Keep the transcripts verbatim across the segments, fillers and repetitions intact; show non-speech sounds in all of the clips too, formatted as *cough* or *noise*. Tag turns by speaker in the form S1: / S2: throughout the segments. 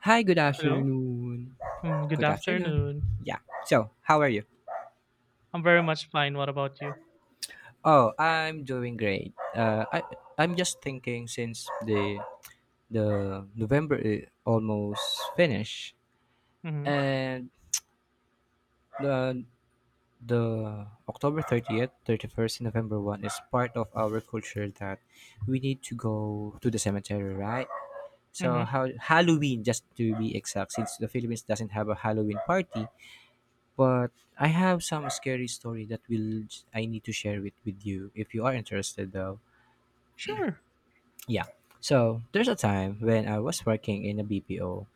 S1: Hi, good
S2: Hello.
S1: afternoon.
S2: Mm, good
S1: Good afternoon.
S2: afternoon.
S1: Yeah. So, how are you?
S2: I'm very much fine. What about you?
S1: Oh, I'm doing great. Uh, I I'm just thinking since the the November is almost finished,
S2: Mm-hmm.
S1: and the the October thirtieth, thirty-first, and November first is part of our culture that we need to go to the cemetery, right? So
S2: Mm-hmm.
S1: how Halloween, just to be exact, since the Philippines doesn't have a Halloween party. But I have some scary story that will I need to share with with you, if you are interested though.
S2: Sure.
S1: Yeah. So there's a time when I was working in a B P O.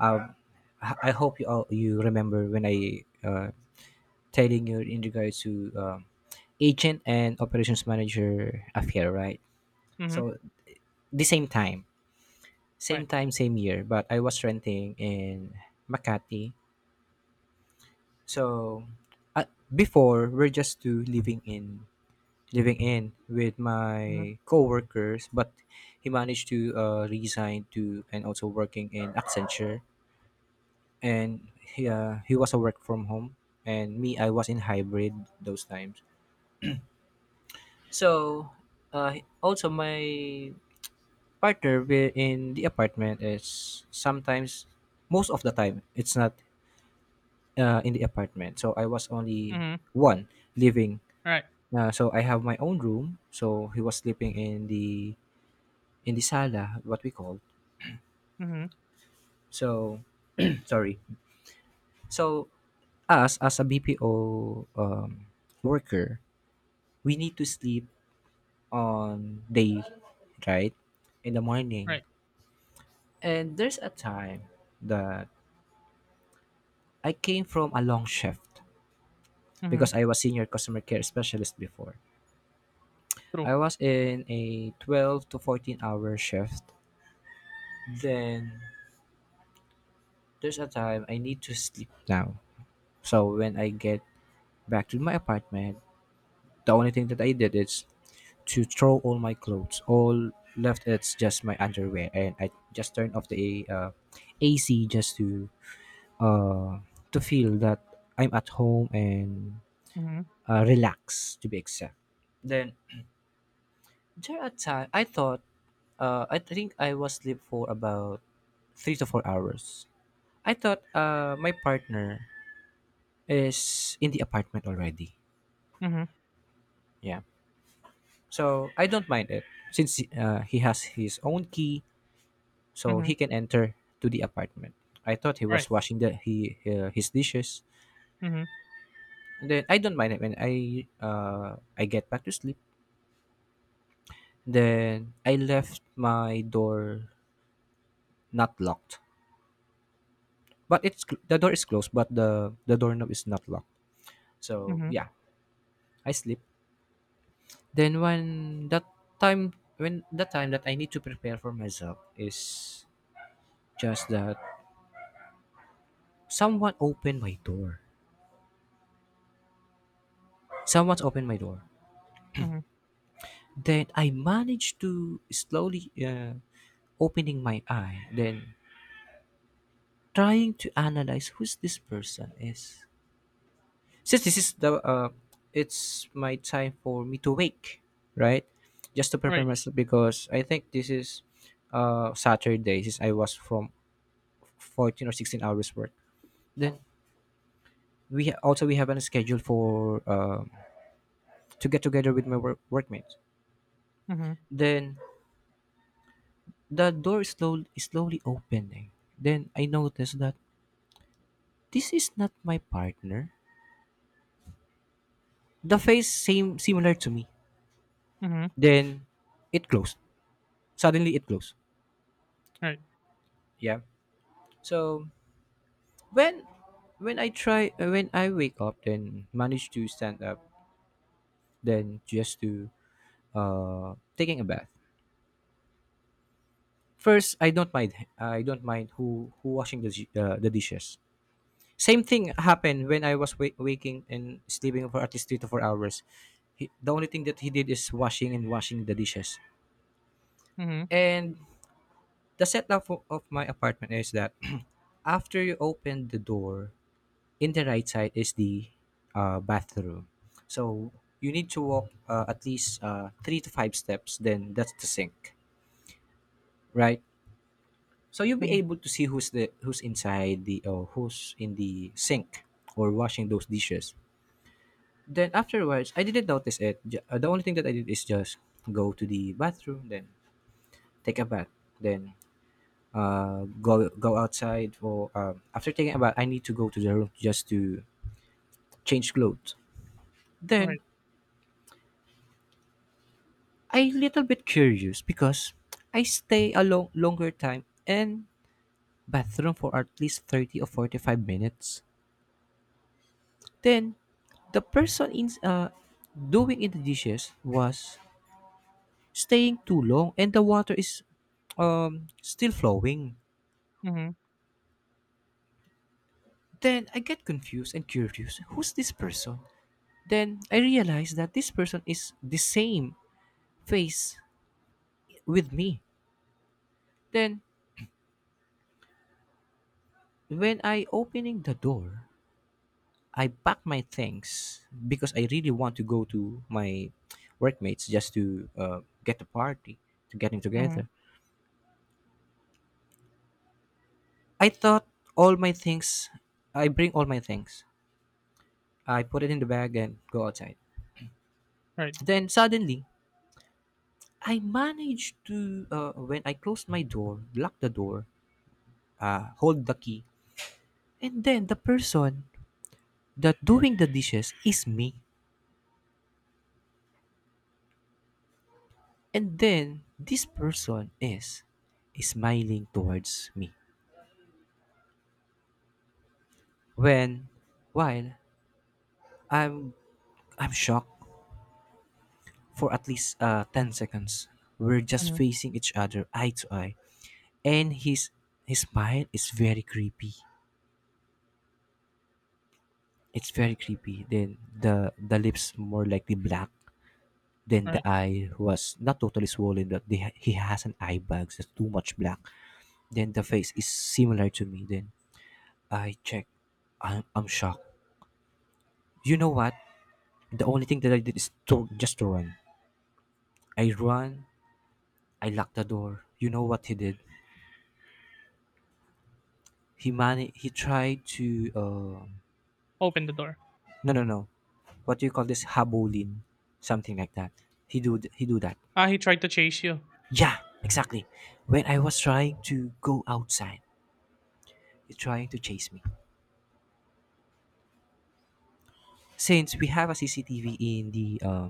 S1: Um, I I hope you all you remember when I, uh, telling you in regards to um, agent and operations manager affair, right?
S2: Mm-hmm.
S1: So the same time, same
S2: Right.
S1: time, same year. But I was renting in Makati. So uh, before we're just two living in living in with
S2: Mm-hmm.
S1: my coworkers, but he managed to uh, resign to, and also working in Accenture, and he, uh, he was a work from home, and me, I was in hybrid those times. So uh, also my partner wi- in the apartment is sometimes, most of the time it's not uh, in the apartment, so I was only
S2: Mm-hmm.
S1: one living.
S2: Right.
S1: Uh, so I have my own room, so he was sleeping in the in the sala, what we call.
S2: Mm-hmm.
S1: So, *clears throat* sorry. So, us as a B P O um, worker, we need to sleep on day, right? In the morning.
S2: Right.
S1: And there's a time that I came from a long shift
S2: Mm-hmm.
S1: because I was senior customer care specialist before. I
S2: True.
S1: was in a twelve to fourteen hour shift. Then there's a time I need to sleep now. So when I get back to my apartment, the only thing that I did is to throw all my clothes. All left it's just my underwear, and I just turned off the uh, A C, just to uh, to feel that I'm at home and
S2: Mm-hmm.
S1: uh, relax, to be exact. Then there a time I thought, uh, I think I was asleep for about three to four hours. I thought uh, my partner is in the apartment already.
S2: Mm-hmm.
S1: Yeah, so I don't mind it, since uh, he has his own key so
S2: Mm-hmm.
S1: he can enter to the apartment. I thought he
S2: Right.
S1: was washing the he uh, his dishes.
S2: Mm-hmm.
S1: And then I don't mind it when I uh, I get back to sleep. Then I left my door not locked, but it's cl- the door is closed, but the the doorknob is not locked. So
S2: Mm-hmm.
S1: yeah, I sleep. Then when that time when the time that I need to prepare for myself is just that someone opened my door. Someone's opened my door.
S2: Mm-hmm.
S1: Then I managed to slowly, uh, opening my eye, then trying to analyze who's this person is. Since this is the uh, it's my time for me to wake, right? Just to prepare
S2: Right.
S1: myself because I think this is, uh, Saturday, since I was from fourteen or sixteen hours work. Then we ha- also we have a schedule for, um, to get together with my work- workmates.
S2: Mm-hmm.
S1: Then the door is slowly is slowly opening. Then I noticed that this is not my partner. The face same similar to me.
S2: Mm-hmm.
S1: Then it closed, suddenly it closed.
S2: Right.
S1: Yeah, so when when I try, uh, when I wake up, then manage to stand up, then just to, uh, taking a bath first. I don't mind, i don't mind who, who washing the di- uh, the dishes. Same thing happened when I was wa- waking and sleeping for at least three to four hours. He, the only thing that he did is washing and washing the dishes.
S2: Mm-hmm.
S1: And the setup of, of my apartment is that *clears throat* after you open the door, in the right side is the, uh, bathroom. So you need to walk, uh, at least, uh, three to five steps. Then that's the sink, right? So you'll be
S2: Mm-hmm.
S1: able to see who's the who's inside the, uh, who's in the sink or washing those dishes. Then afterwards, I didn't notice it. Ju- uh, The only thing that I did is just go to the bathroom, then take a bath, then, uh, go go outside. Or, um, after taking a bath, I need to go to the room just to change clothes. Then
S2: Right.
S1: I little bit curious because I stay a long, longer time and bathroom for at least thirty or forty-five minutes. Then the person in, uh, doing in the dishes was staying too long and the water is, um, still flowing.
S2: Mm-hmm.
S1: Then I get confused and curious. Who's this person? Then I realize that this person is the same face with me. Then when I opening the door, I pack my things because I really want to go to my workmates just to, uh, get a party, to getting
S2: Mm-hmm.
S1: together. I thought all my things, I bring all my things. I put it in the bag and go outside.
S2: Right.
S1: Then suddenly, I managed to, uh, when I closed my door, lock the door, uh, hold the key, and then the person that doing the dishes is me. And then this person is smiling towards me. When, while I'm I'm shocked for at least, uh, ten seconds. We're just
S2: Mm-hmm.
S1: facing each other eye to eye. And his his smile is very creepy. It's very creepy. Then the the lips more likely black. Then the
S2: Right.
S1: eye was not totally swollen, but the, he has an eye bag that's too much black. Then the face is similar to me. Then I check. I'm, I'm shocked. You know what? The only thing that I did is to just to run. I run, I locked the door. You know what he did? He mani- he tried to, uh
S2: Open the door.
S1: no, no, no. What do you call this? Habolin. Something like that. He do th- he do that.
S2: Ah, he tried to chase you.
S1: Yeah, exactly. When I was trying to go outside, he trying to chase me. Since we have a C C T V in the, uh,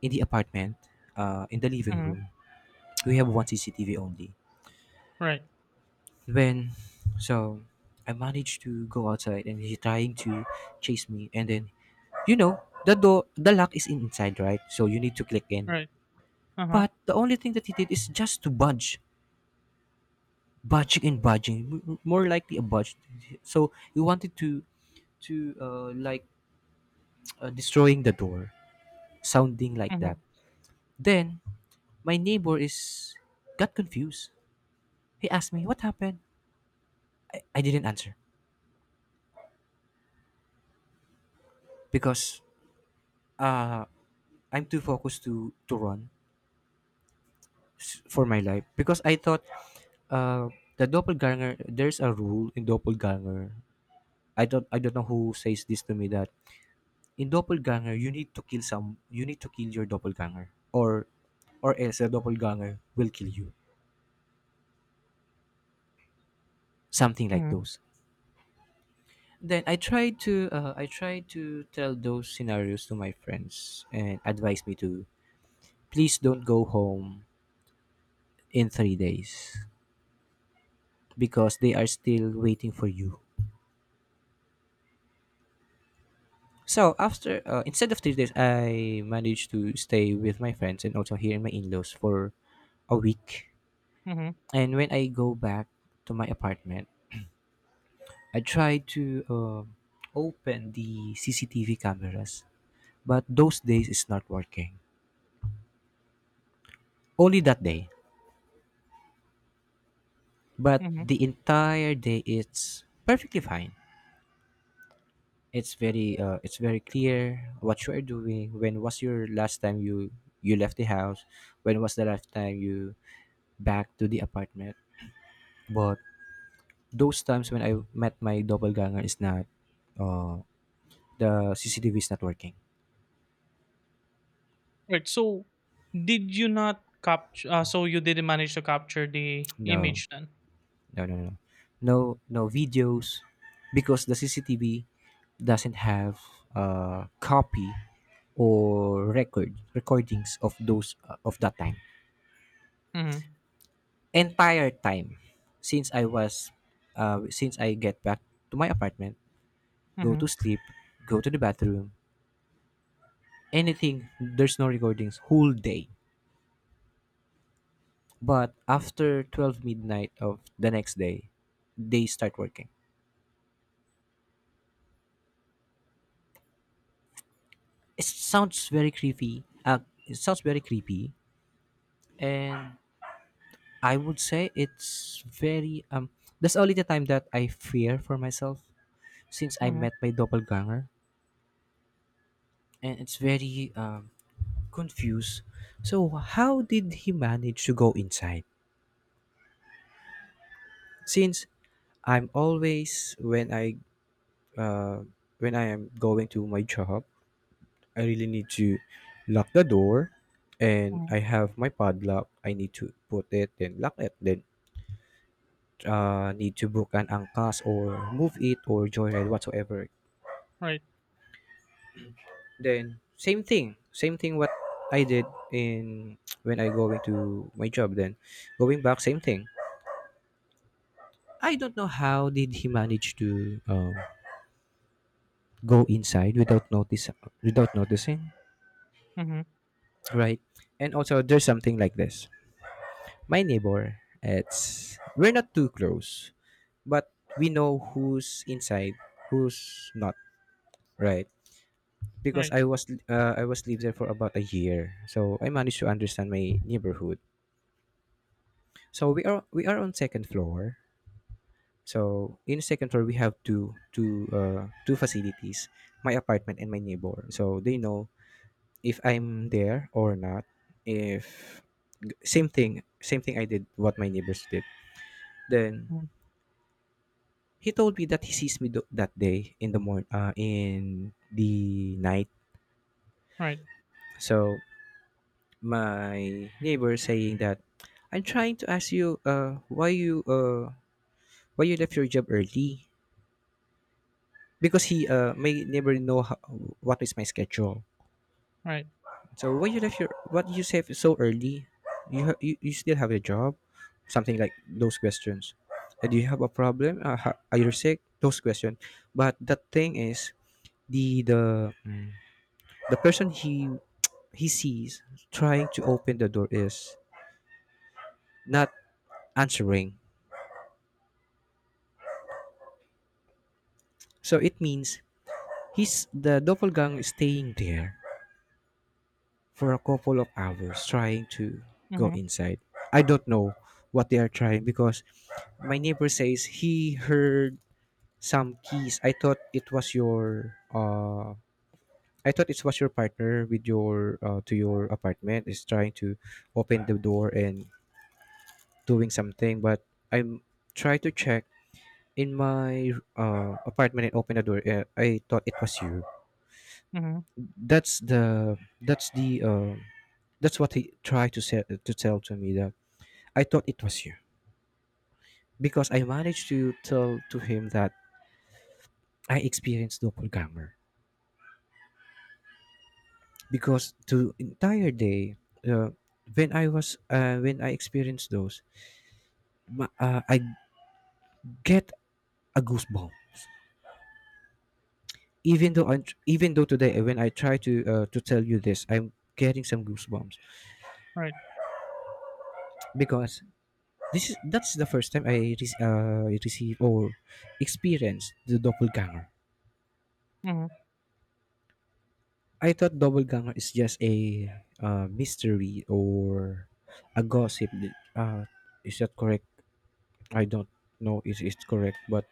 S1: in the apartment, uh, in the living
S2: Mm-hmm.
S1: room, we have one C C T V only.
S2: Right.
S1: When so I managed to go outside and he's trying to chase me, and then, you know, the door the lock is inside, right? So you need to click in,
S2: Right. Uh-huh.
S1: but the only thing that he did is just to budge, budging and budging, m- more likely a budge. So he wanted to, to uh, like, *tsk* uh, destroying the door, sounding like
S2: Mm-hmm.
S1: that. Then my neighbor is got confused. He asked me what happened. i I didn't answer because, uh, I'm too focused to to run s- for my life, because I thought, uh, the doppelganger, there's a rule in doppelganger. I don't I don't know who says this to me that in doppelganger you need to kill some you need to kill your doppelganger, or or else the doppelganger will kill you. Something like
S2: Mm-hmm.
S1: those. Then I tried to, uh, I tried to tell those scenarios to my friends, and advise me to please don't go home in three days, because they are still waiting for you. So after, uh, instead of three days, I managed to stay with my friends and also here in my in-laws for a week.
S2: Mm-hmm.
S1: And when I go back to my apartment, I try to, uh, open the C C T V cameras, but those days it's not working. Only that day, but
S2: Mm-hmm.
S1: the entire day it's perfectly fine. It's very, uh, it's very clear what you are doing. When was your last time you you left the house? When was the last time you back to the apartment? But those times when I met my doppelganger is not, uh, the C C T V is not working.
S2: Right. So, did you not capture? Uh, so you didn't manage to capture the
S1: No,
S2: image then.
S1: no, no, no, no, no videos, because the C C T V doesn't have a copy or record recordings of those, uh, of that time.
S2: Mm-hmm.
S1: Entire time since I was, uh, since I get back to my apartment, go
S2: Mm-hmm.
S1: to sleep, go to the bathroom, anything. There's no recordings whole day. But after twelve midnight of the next day, they start working. It sounds very creepy. Uh, it sounds very creepy. And I would say it's very, um, that's only the time that I fear for myself since I
S2: Mm-hmm.
S1: met my doppelganger, and it's very, um, confused. So how did he manage to go inside? Since I'm always when I uh when I am going to my job, I really need to lock the door, and
S2: Hmm.
S1: I have my padlock. I need to put it, then lock it, then, uh, need to book an angkas or move it or joyride whatsoever.
S2: Right.
S1: Then same thing, same thing what I did in *tsk* when I going to my job. Then going back, same thing. I don't know how did he manage to, um, go inside without notice without noticing,
S2: Mm-hmm.
S1: right? And also there's something like this. My neighbor, it's we're not too close but we know who's inside who's not, right? Because
S2: Right.
S1: i was uh, i was lived there for about a year, so I managed to understand my neighborhood. So we are we are on second floor. So in second floor we have two two uh, two facilities, my apartment and my neighbor, so they know if I'm there or not. If same thing same thing I did what my neighbors did. Then
S2: Mm-hmm.
S1: he told me that he sees me tho- that day in the morning, uh, in the night.
S2: Right.
S1: So my neighbor saying that, "I'm trying to ask you, uh why you uh why you left your job early, because he uh my neighbor know how, what is my schedule.
S2: Right.
S1: So why you left your what you say so early? You ha- you, you still have a job?" Something like those questions. Uh, do you have a problem? Uh, ha- are you sick? Those questions. But the thing is, the the mm, the person he he sees trying to open the door is not answering. So it means he's the doppelganger is staying there for a couple of hours trying to go
S2: Mm-hmm.
S1: inside. I don't know what they are trying, because my neighbor says he heard some keys. I thought it was your uh "I thought it was your partner with your uh, to your apartment is trying to open the door and doing something, but I'm trying to check in my uh, apartment and open the door. Uh, I thought it was you."
S2: Mm-hmm.
S1: that's the that's the uh, that's what he tried to say, to tell to me, that "I thought it was you," because I managed to tell to him that I experienced doppelganger, because the entire day, uh, when I was uh, when I experienced those, ma- uh, I get a goosebump. Even though I, even though today, when I try to uh, to tell you this, I'm getting some goosebumps,
S2: Right.
S1: because This is that's the first time I re- uh, received or experienced the doppelganger.
S2: Mm-hmm.
S1: I thought doppelganger is just a uh, mystery or a gossip. Uh, is that correct? I don't know if it's correct, but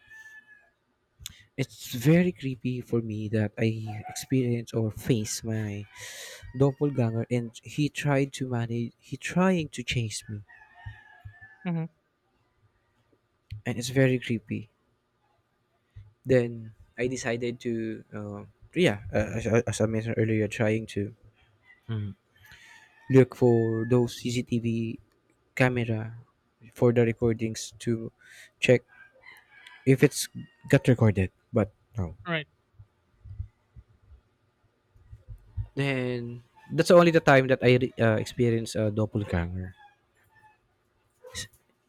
S1: it's very creepy for me that I experience or face my doppelganger, and he tried to manage. He trying to chase me,
S2: Mm-hmm.
S1: and it's very creepy. Then I decided to, uh, yeah, uh, as, as I mentioned earlier, trying to Mm. look for those C C T V camera for the recordings, to check if it's got recorded. But no.
S2: Right.
S1: Then that's only the time that I re- uh, experienced a doppelganger.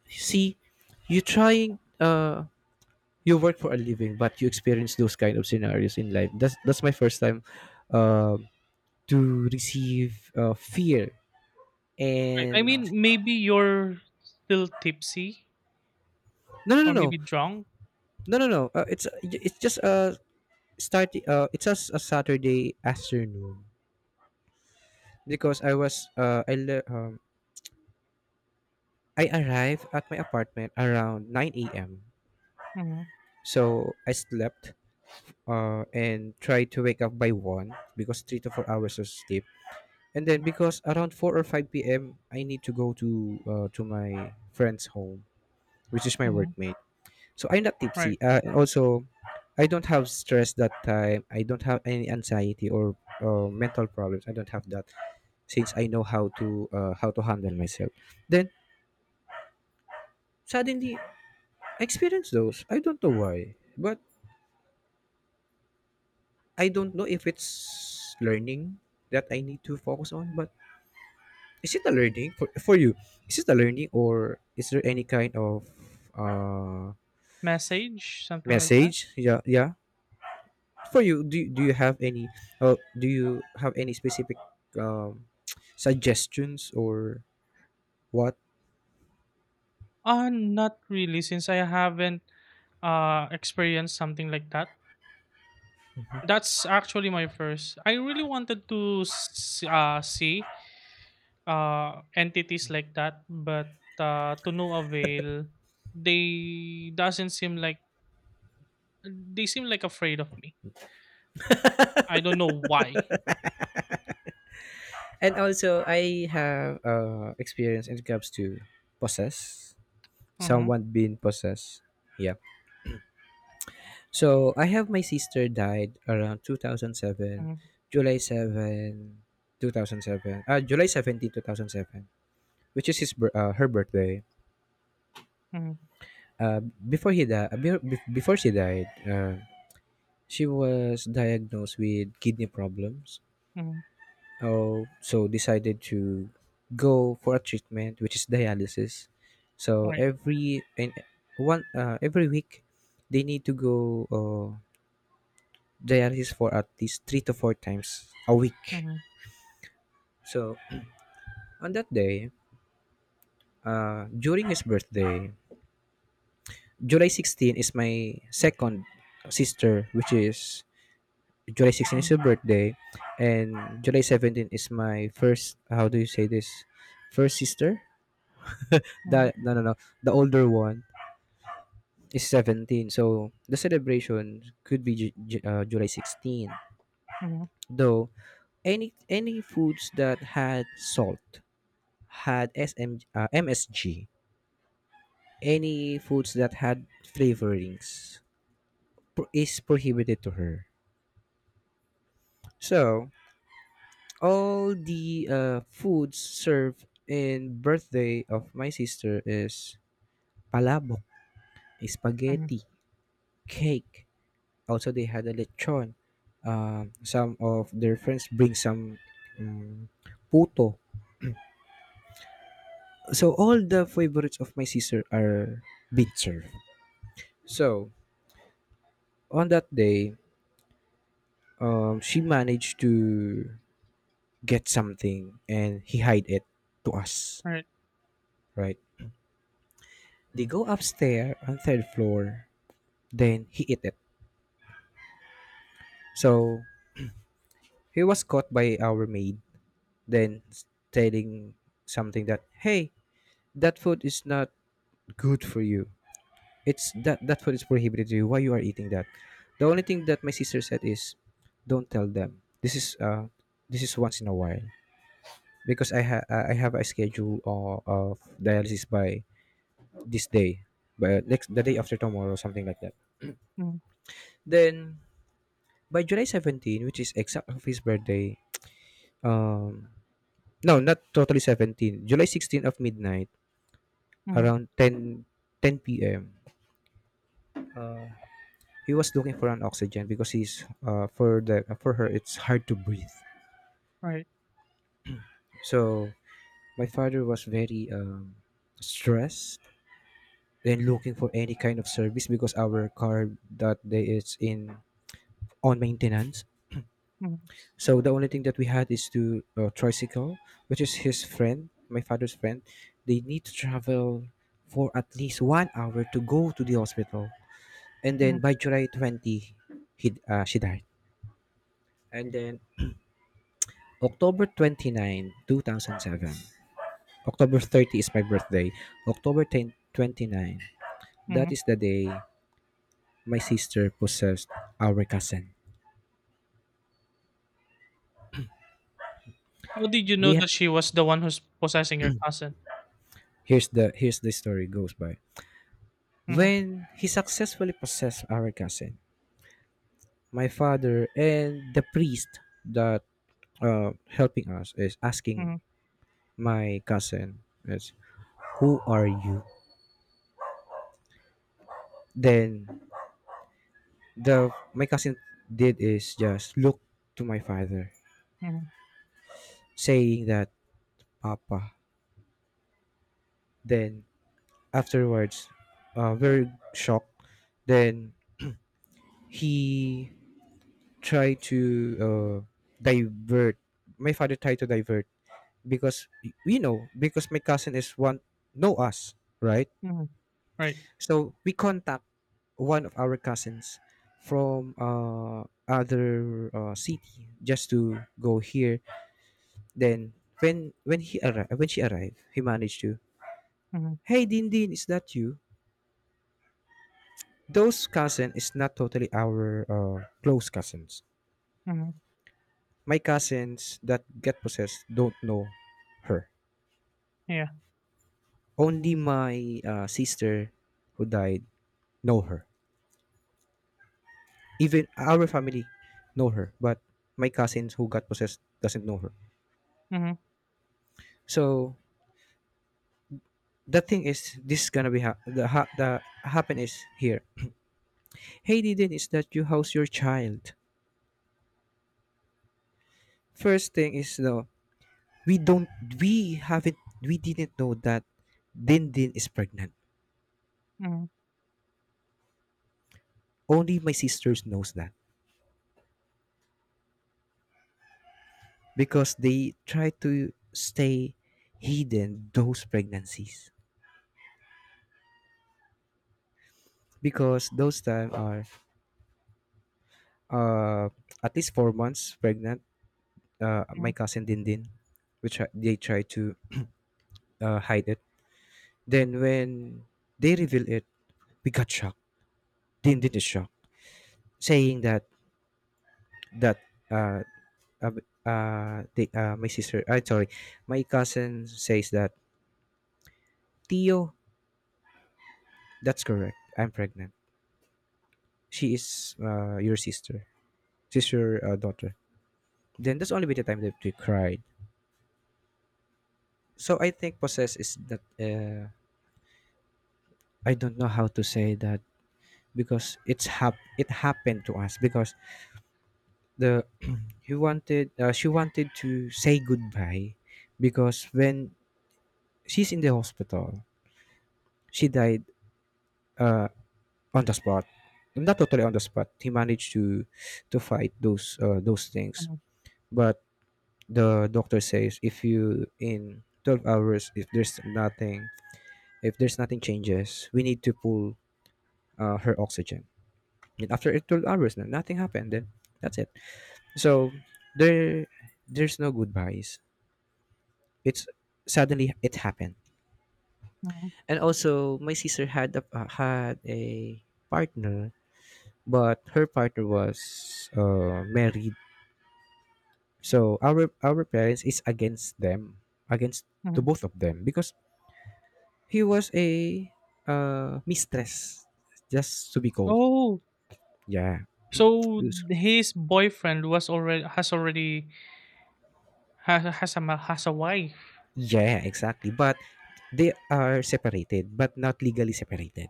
S1: See, you trying uh you work for a living, but you experience those kind of scenarios in life. That's that's my first time, uh, to receive, uh, fear
S2: Right. I
S1: and
S2: mean, maybe you're still tipsy
S1: no, no, no,
S2: or
S1: no,
S2: maybe drunk.
S1: no, no, no, uh, it's it's just a starting uh it's just a Saturday afternoon, because I was uh I le- um I arrived at my apartment around nine a m.
S2: Mm-hmm.
S1: So I slept, uh and tried to wake up by one, because three to four hours of sleep. And then because around four or five p m. I need to go to uh, to my friend's home, which is my
S2: Mm-hmm.
S1: workmate. So I'm not
S2: Right.
S1: tipsy. Uh, and also, I don't have stress that time. I don't have any anxiety or uh, mental problems. I don't have that, since I know how to uh, how to handle myself. Then suddenly I experience those. I don't know why, but I don't know if it's learning that I need to focus on. But is it a learning for for you? Is it a learning, or is there any kind of uh
S2: Message, something like that.
S1: message? Yeah, yeah. For you, do, do you have any uh, do you have any specific um, *tsk* suggestions or what?
S2: Uh, not really, since I haven't uh experienced something like that. That's actually my first. I really wanted to s- uh, see uh, entities like that, but uh, to no avail. They doesn't seem like They seem like afraid of me. I don't know why.
S1: And also I have, uh, experience when it comes to possess
S2: Mm-hmm,
S1: someone being possessed, yeah. So I have my sister died around two thousand seven,
S2: mm-hmm,
S1: july seven two thousand seven uh, july seventeen two thousand seven, which is his bir- uh, her birthday.
S2: mm-hmm,
S1: uh, before he died Before she died, uh, she was diagnosed with kidney problems.
S2: mm-hmm,
S1: Oh, so decided to go for a treatment, which is dialysis. So
S2: right.
S1: every and one uh, every week they need to go, uh, dialysis for at least three to four times a week.
S2: Mm-hmm,
S1: So on that day, uh, during his birthday, July sixteenth is my second sister, which is July sixteenth is
S2: mm-hmm,
S1: your birthday, and July seventeenth is my first. How do you say this? First sister.
S2: mm-hmm,
S1: That No, no, no. The older one is seventeen. So the celebration could be Ju- Ju- uh, July sixteenth.
S2: mm-hmm,
S1: Though any any foods that had salt had S M, uh, M S G. Any foods that had flavorings pro- is prohibited to her. So all the uh, foods served in birthday of my sister is palabok,
S2: mm-hmm.
S1: spaghetti, cake. Also, they had a lechon. Um, some of their friends bring some um, puto. So all the favorites of my sister are being served. So on that day, um, she managed to get something and he hide it to us.
S2: Right.
S1: Right? They go upstairs on third floor. Then he eat it. So he was caught by our maid, then s- telling something that, "Hey, that food is not good for you. It's that that food is prohibited to you. Why you are eating that?" The only thing that my sister said is, "Don't tell them. This is uh, this is once in a while, because I ha- I have a schedule of, of dialysis by this day, but next the day after tomorrow," something like that.
S2: Mm-hmm,
S1: Then by July seventeenth, which is exact of his birthday, um, no, not totally seventeen. July sixteenth of midnight,
S2: mm-hmm,
S1: around ten ten p m. Uh, he was looking for an oxygen because he's uh, for the for her it's hard to breathe.
S2: right.
S1: So my father was very um, stressed and looking for any kind of service, because our car that day is in on maintenance.
S2: Mm-hmm,
S1: So the only thing that we had is to uh, tricycle, which is his friend, my father's friend. They need to travel for at least one hour to go to the hospital. And
S2: mm-hmm,
S1: then by July twentieth, he uh, she died. And then October 29, 2007. October thirtieth is my birthday. October tenth twenty-nine. That
S2: mm-hmm.
S1: is the day my sister possessed our cousin.
S2: How did you
S1: We
S2: know
S1: ha-
S2: that she was the one who's possessing your cousin?
S1: Here's the, here's the story goes by.
S2: Mm-hmm,
S1: When he successfully possessed our cousin, my father and the priest that, uh, helping us, is asking
S2: mm-hmm,
S1: my cousin is, "Who are you?" Then the my cousin did is just look to my father,
S2: mm-hmm,
S1: saying that, "Papa." Then afterwards, uh, very shocked. Then he tried to, uh, divert my father tried to divert, because we know because my cousin is one know us, right?
S2: mm-hmm, right.
S1: So we contact one of our cousins from uh, other uh, city, just to go here. Then, when when he arri- when she arrived, he managed to,
S2: Mm-hmm,
S1: "Hey, Din Din, is that you?" Those cousin is not totally our uh, close cousins.
S2: mm-hmm,
S1: My cousins that get possessed don't know her.
S2: yeah.
S1: Only my uh, sister who died know her. Even our family know her, but my cousins who got possessed doesn't know her.
S2: Mhm,
S1: So the thing is, this is gonna be ha- the ha- the happen is here. "Hey, Din Din, is that you? How's your child?" First thing is no. we don't we haven't we didn't know that Din Din is pregnant.
S2: mhm,
S1: Only my sisters knows that, because they try to stay hidden those pregnancies, because those time are uh at least four months pregnant. Uh,
S2: mhm,
S1: my cousin Din Din, which I- they try to uh, hide it. Then when they reveal it, we got shocked. Din Din is shocked, saying that that uh, uh, b- uh, they, uh, my sister, I sorry, my cousin says that, "Tio, that's correct. I'm pregnant. She is uh, your sister. She's your uh, daughter." Then that's only been the time that we cried. So I think process is that, uh, I don't know how to say that, because it's hap- it happened to us, because the he wanted uh, she wanted to say goodbye, because when she's in the hospital, she died, uh, on the spot. Not totally on the spot, he managed to to fight those, uh, those things.
S2: mhm,
S1: But the doctor says, "If you in twelve hours, if there's nothing if there's nothing changes, we need to pull, uh, her oxygen." And after twelve hours, na- nothing happened, then that's it. So there there's no goodbyes. It's Suddenly it happened.
S2: mhm,
S1: And also my sister had a, uh, had a partner, but her partner was uh, married. So our our parents is against them, against to
S2: mhm.
S1: both of them, because he was a uh, mistress, just to be cold.
S2: Oh,
S1: Yeah.
S2: so
S1: Yes.
S2: his boyfriend was already has already has has a ma- has a wife.
S1: Yeah, exactly. But they are separated, but not legally separated.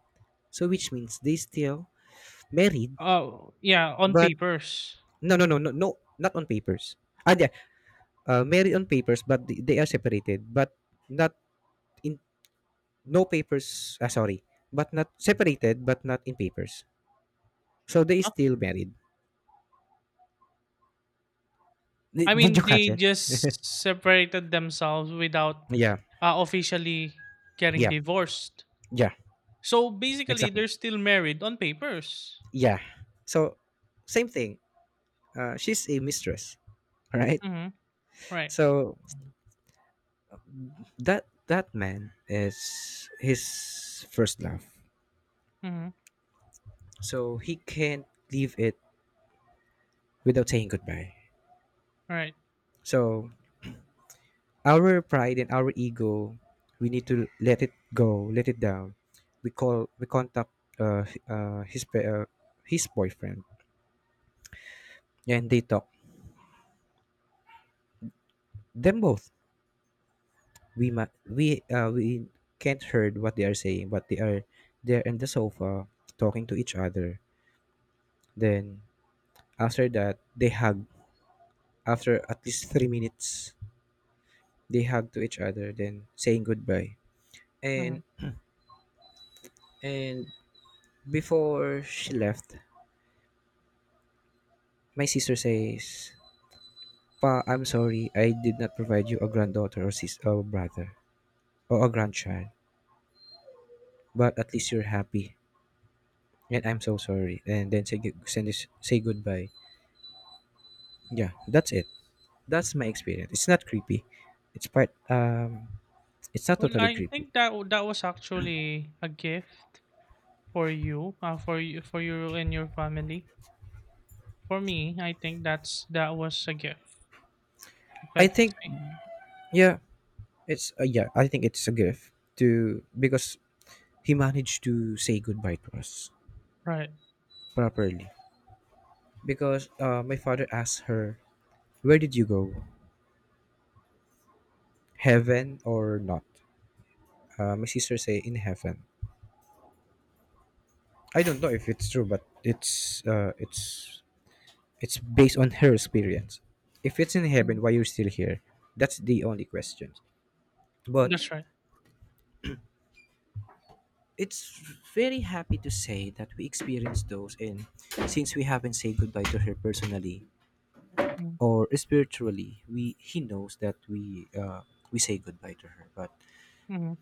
S1: So which means they still married,
S2: Oh, yeah, on
S1: but
S2: papers.
S1: no, no, no, no, no, not on papers. Ah, yeah, uh, married on papers, but th- they are separated, but not in no papers. Ah, sorry, but not separated, but not in papers. So they
S2: Huh?
S1: still married.
S2: I
S1: Did, did you
S2: mean,
S1: catch
S2: they
S1: it?
S2: just separated themselves without
S1: Yeah,
S2: uh, officially getting
S1: yeah,
S2: divorced.
S1: yeah,
S2: So basically,
S1: exactly.
S2: they're still married on papers.
S1: Yeah. So, same thing. Uh, she's a mistress, right?
S2: Mm-hmm. Right.
S1: So that that man is his first love.
S2: Mm-hmm.
S1: So he can't leave it without saying goodbye.
S2: Right.
S1: So our pride and our ego, we need to let it go, let it down. We call, we contact, uh, uh, his pa- uh, his boyfriend, and they talk. Them both, we ma- we uh, we can't heard what they are saying, but they are there in the sofa talking to each other. Then after that, they hug. After at least three minutes, they hug to each other, then saying goodbye.
S2: Mm-hmm.
S1: And and before she left, my sister says, "Pa, I'm sorry, I did not provide you a granddaughter or sis or brother or a grandchild, but at least you're happy. And I'm so sorry." And then say gu- send this, say goodbye. Yeah, that's it. That's my experience. It's not creepy. It's part. Um, it's not
S2: Well,
S1: totally
S2: I
S1: creepy.
S2: think that w- that was actually a gift for you, uh, for you for you and your family. For me, I think that's that was a gift, if I
S1: I
S2: could
S1: think.
S2: say.
S1: Yeah, it's. Uh, yeah, I think it's a gift, to because he managed to say goodbye to us
S2: Right.
S1: properly. Because uh, my father asked her, "Where did you go? Heaven or not?" Uh, my sister say, "In heaven." I don't know if it's true, but it's. Uh, it's. It's based on her experience. If it's in
S2: Mhm.
S1: heaven, why you're still here? That's the only question. But
S2: That's right.
S1: it's very happy to say that we experienced those, and since we haven't said goodbye to her personally
S2: Mm-hmm.
S1: or spiritually, we he knows that we uh, we say goodbye to her. But
S2: Mm-hmm.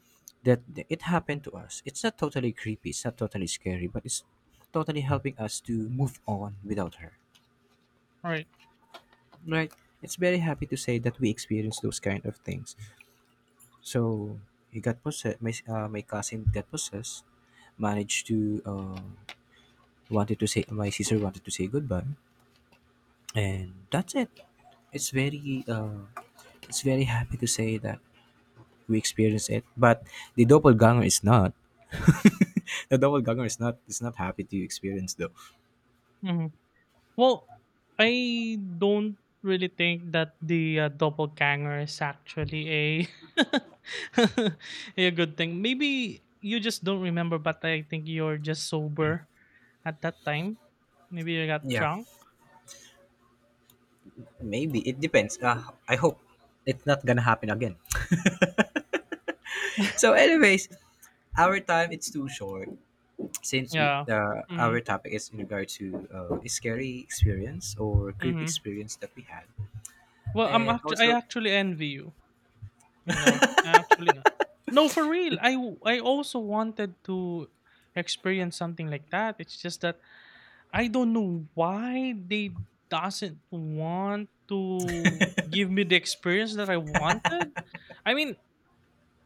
S1: that it happened to us, it's not totally creepy, it's not totally scary, but it's totally helping us to move on without her,
S2: Right.
S1: right? It's very happy to say that we experienced those kind of things. So he got possessed my, uh, my cousin got possessed, managed to, uh, wanted to say my sister wanted to say goodbye, and that's it. It's very, uh it's very happy to say that we experienced it. But the doppelganger is not, *laughs* the doppelganger is not is not happy to experience, though.
S2: Hmm. Well, I don't really think that the uh, doppelganger is actually a *laughs* a good thing. Maybe you just don't remember, but I think you're just sober at that time. Maybe you got
S1: Yeah,
S2: drunk.
S1: maybe it depends, uh, I hope it's not gonna happen again. So anyways, our time it's too short, since it,
S2: Yeah.
S1: uh,
S2: Mm-hmm.
S1: our topic is in regard to uh, a scary experience or creepy
S2: Mm-hmm.
S1: experience that we had.
S2: Well, i'm
S1: And
S2: actually i
S1: also,
S2: actually envy you. You know, actually uh, no, for real. I w- I also wanted to experience something like that. It's just that I don't know why they doesn't want to give me the experience that I wanted. I mean,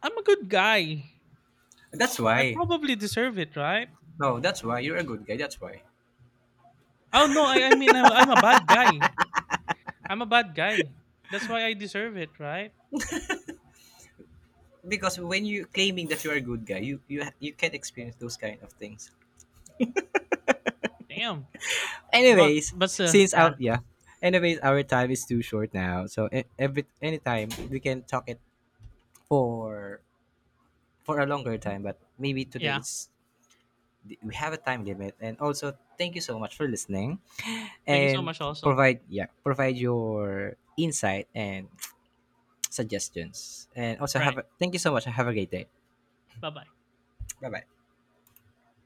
S2: I'm a good guy.
S1: that's
S2: I
S1: why.
S2: probably deserve it, right?
S1: No, that's why you're a good guy, that's why.
S2: Oh no, I I mean I'm, I'm a bad guy. I'm a bad guy. That's why I deserve it, right?
S1: Because when you claiming that you are a good guy, you you ha- you can experience those kind of things.
S2: Damn. But
S1: Anyways,
S2: but uh,
S1: since
S2: yeah.
S1: our yeah, anyways, our time is too short now, so e- every anytime we can talk it for for a longer
S2: Mm,
S1: time, but maybe today
S2: yeah.
S1: it's we have a time limit. And also, thank you so much for listening
S2: Thank you so
S1: and
S2: much also.
S1: provide, yeah, provide your insight and *tsk* suggestions. And also have
S2: Right.
S1: a, thank you so much, have a great day.
S2: Bye-bye.
S1: Bye bye.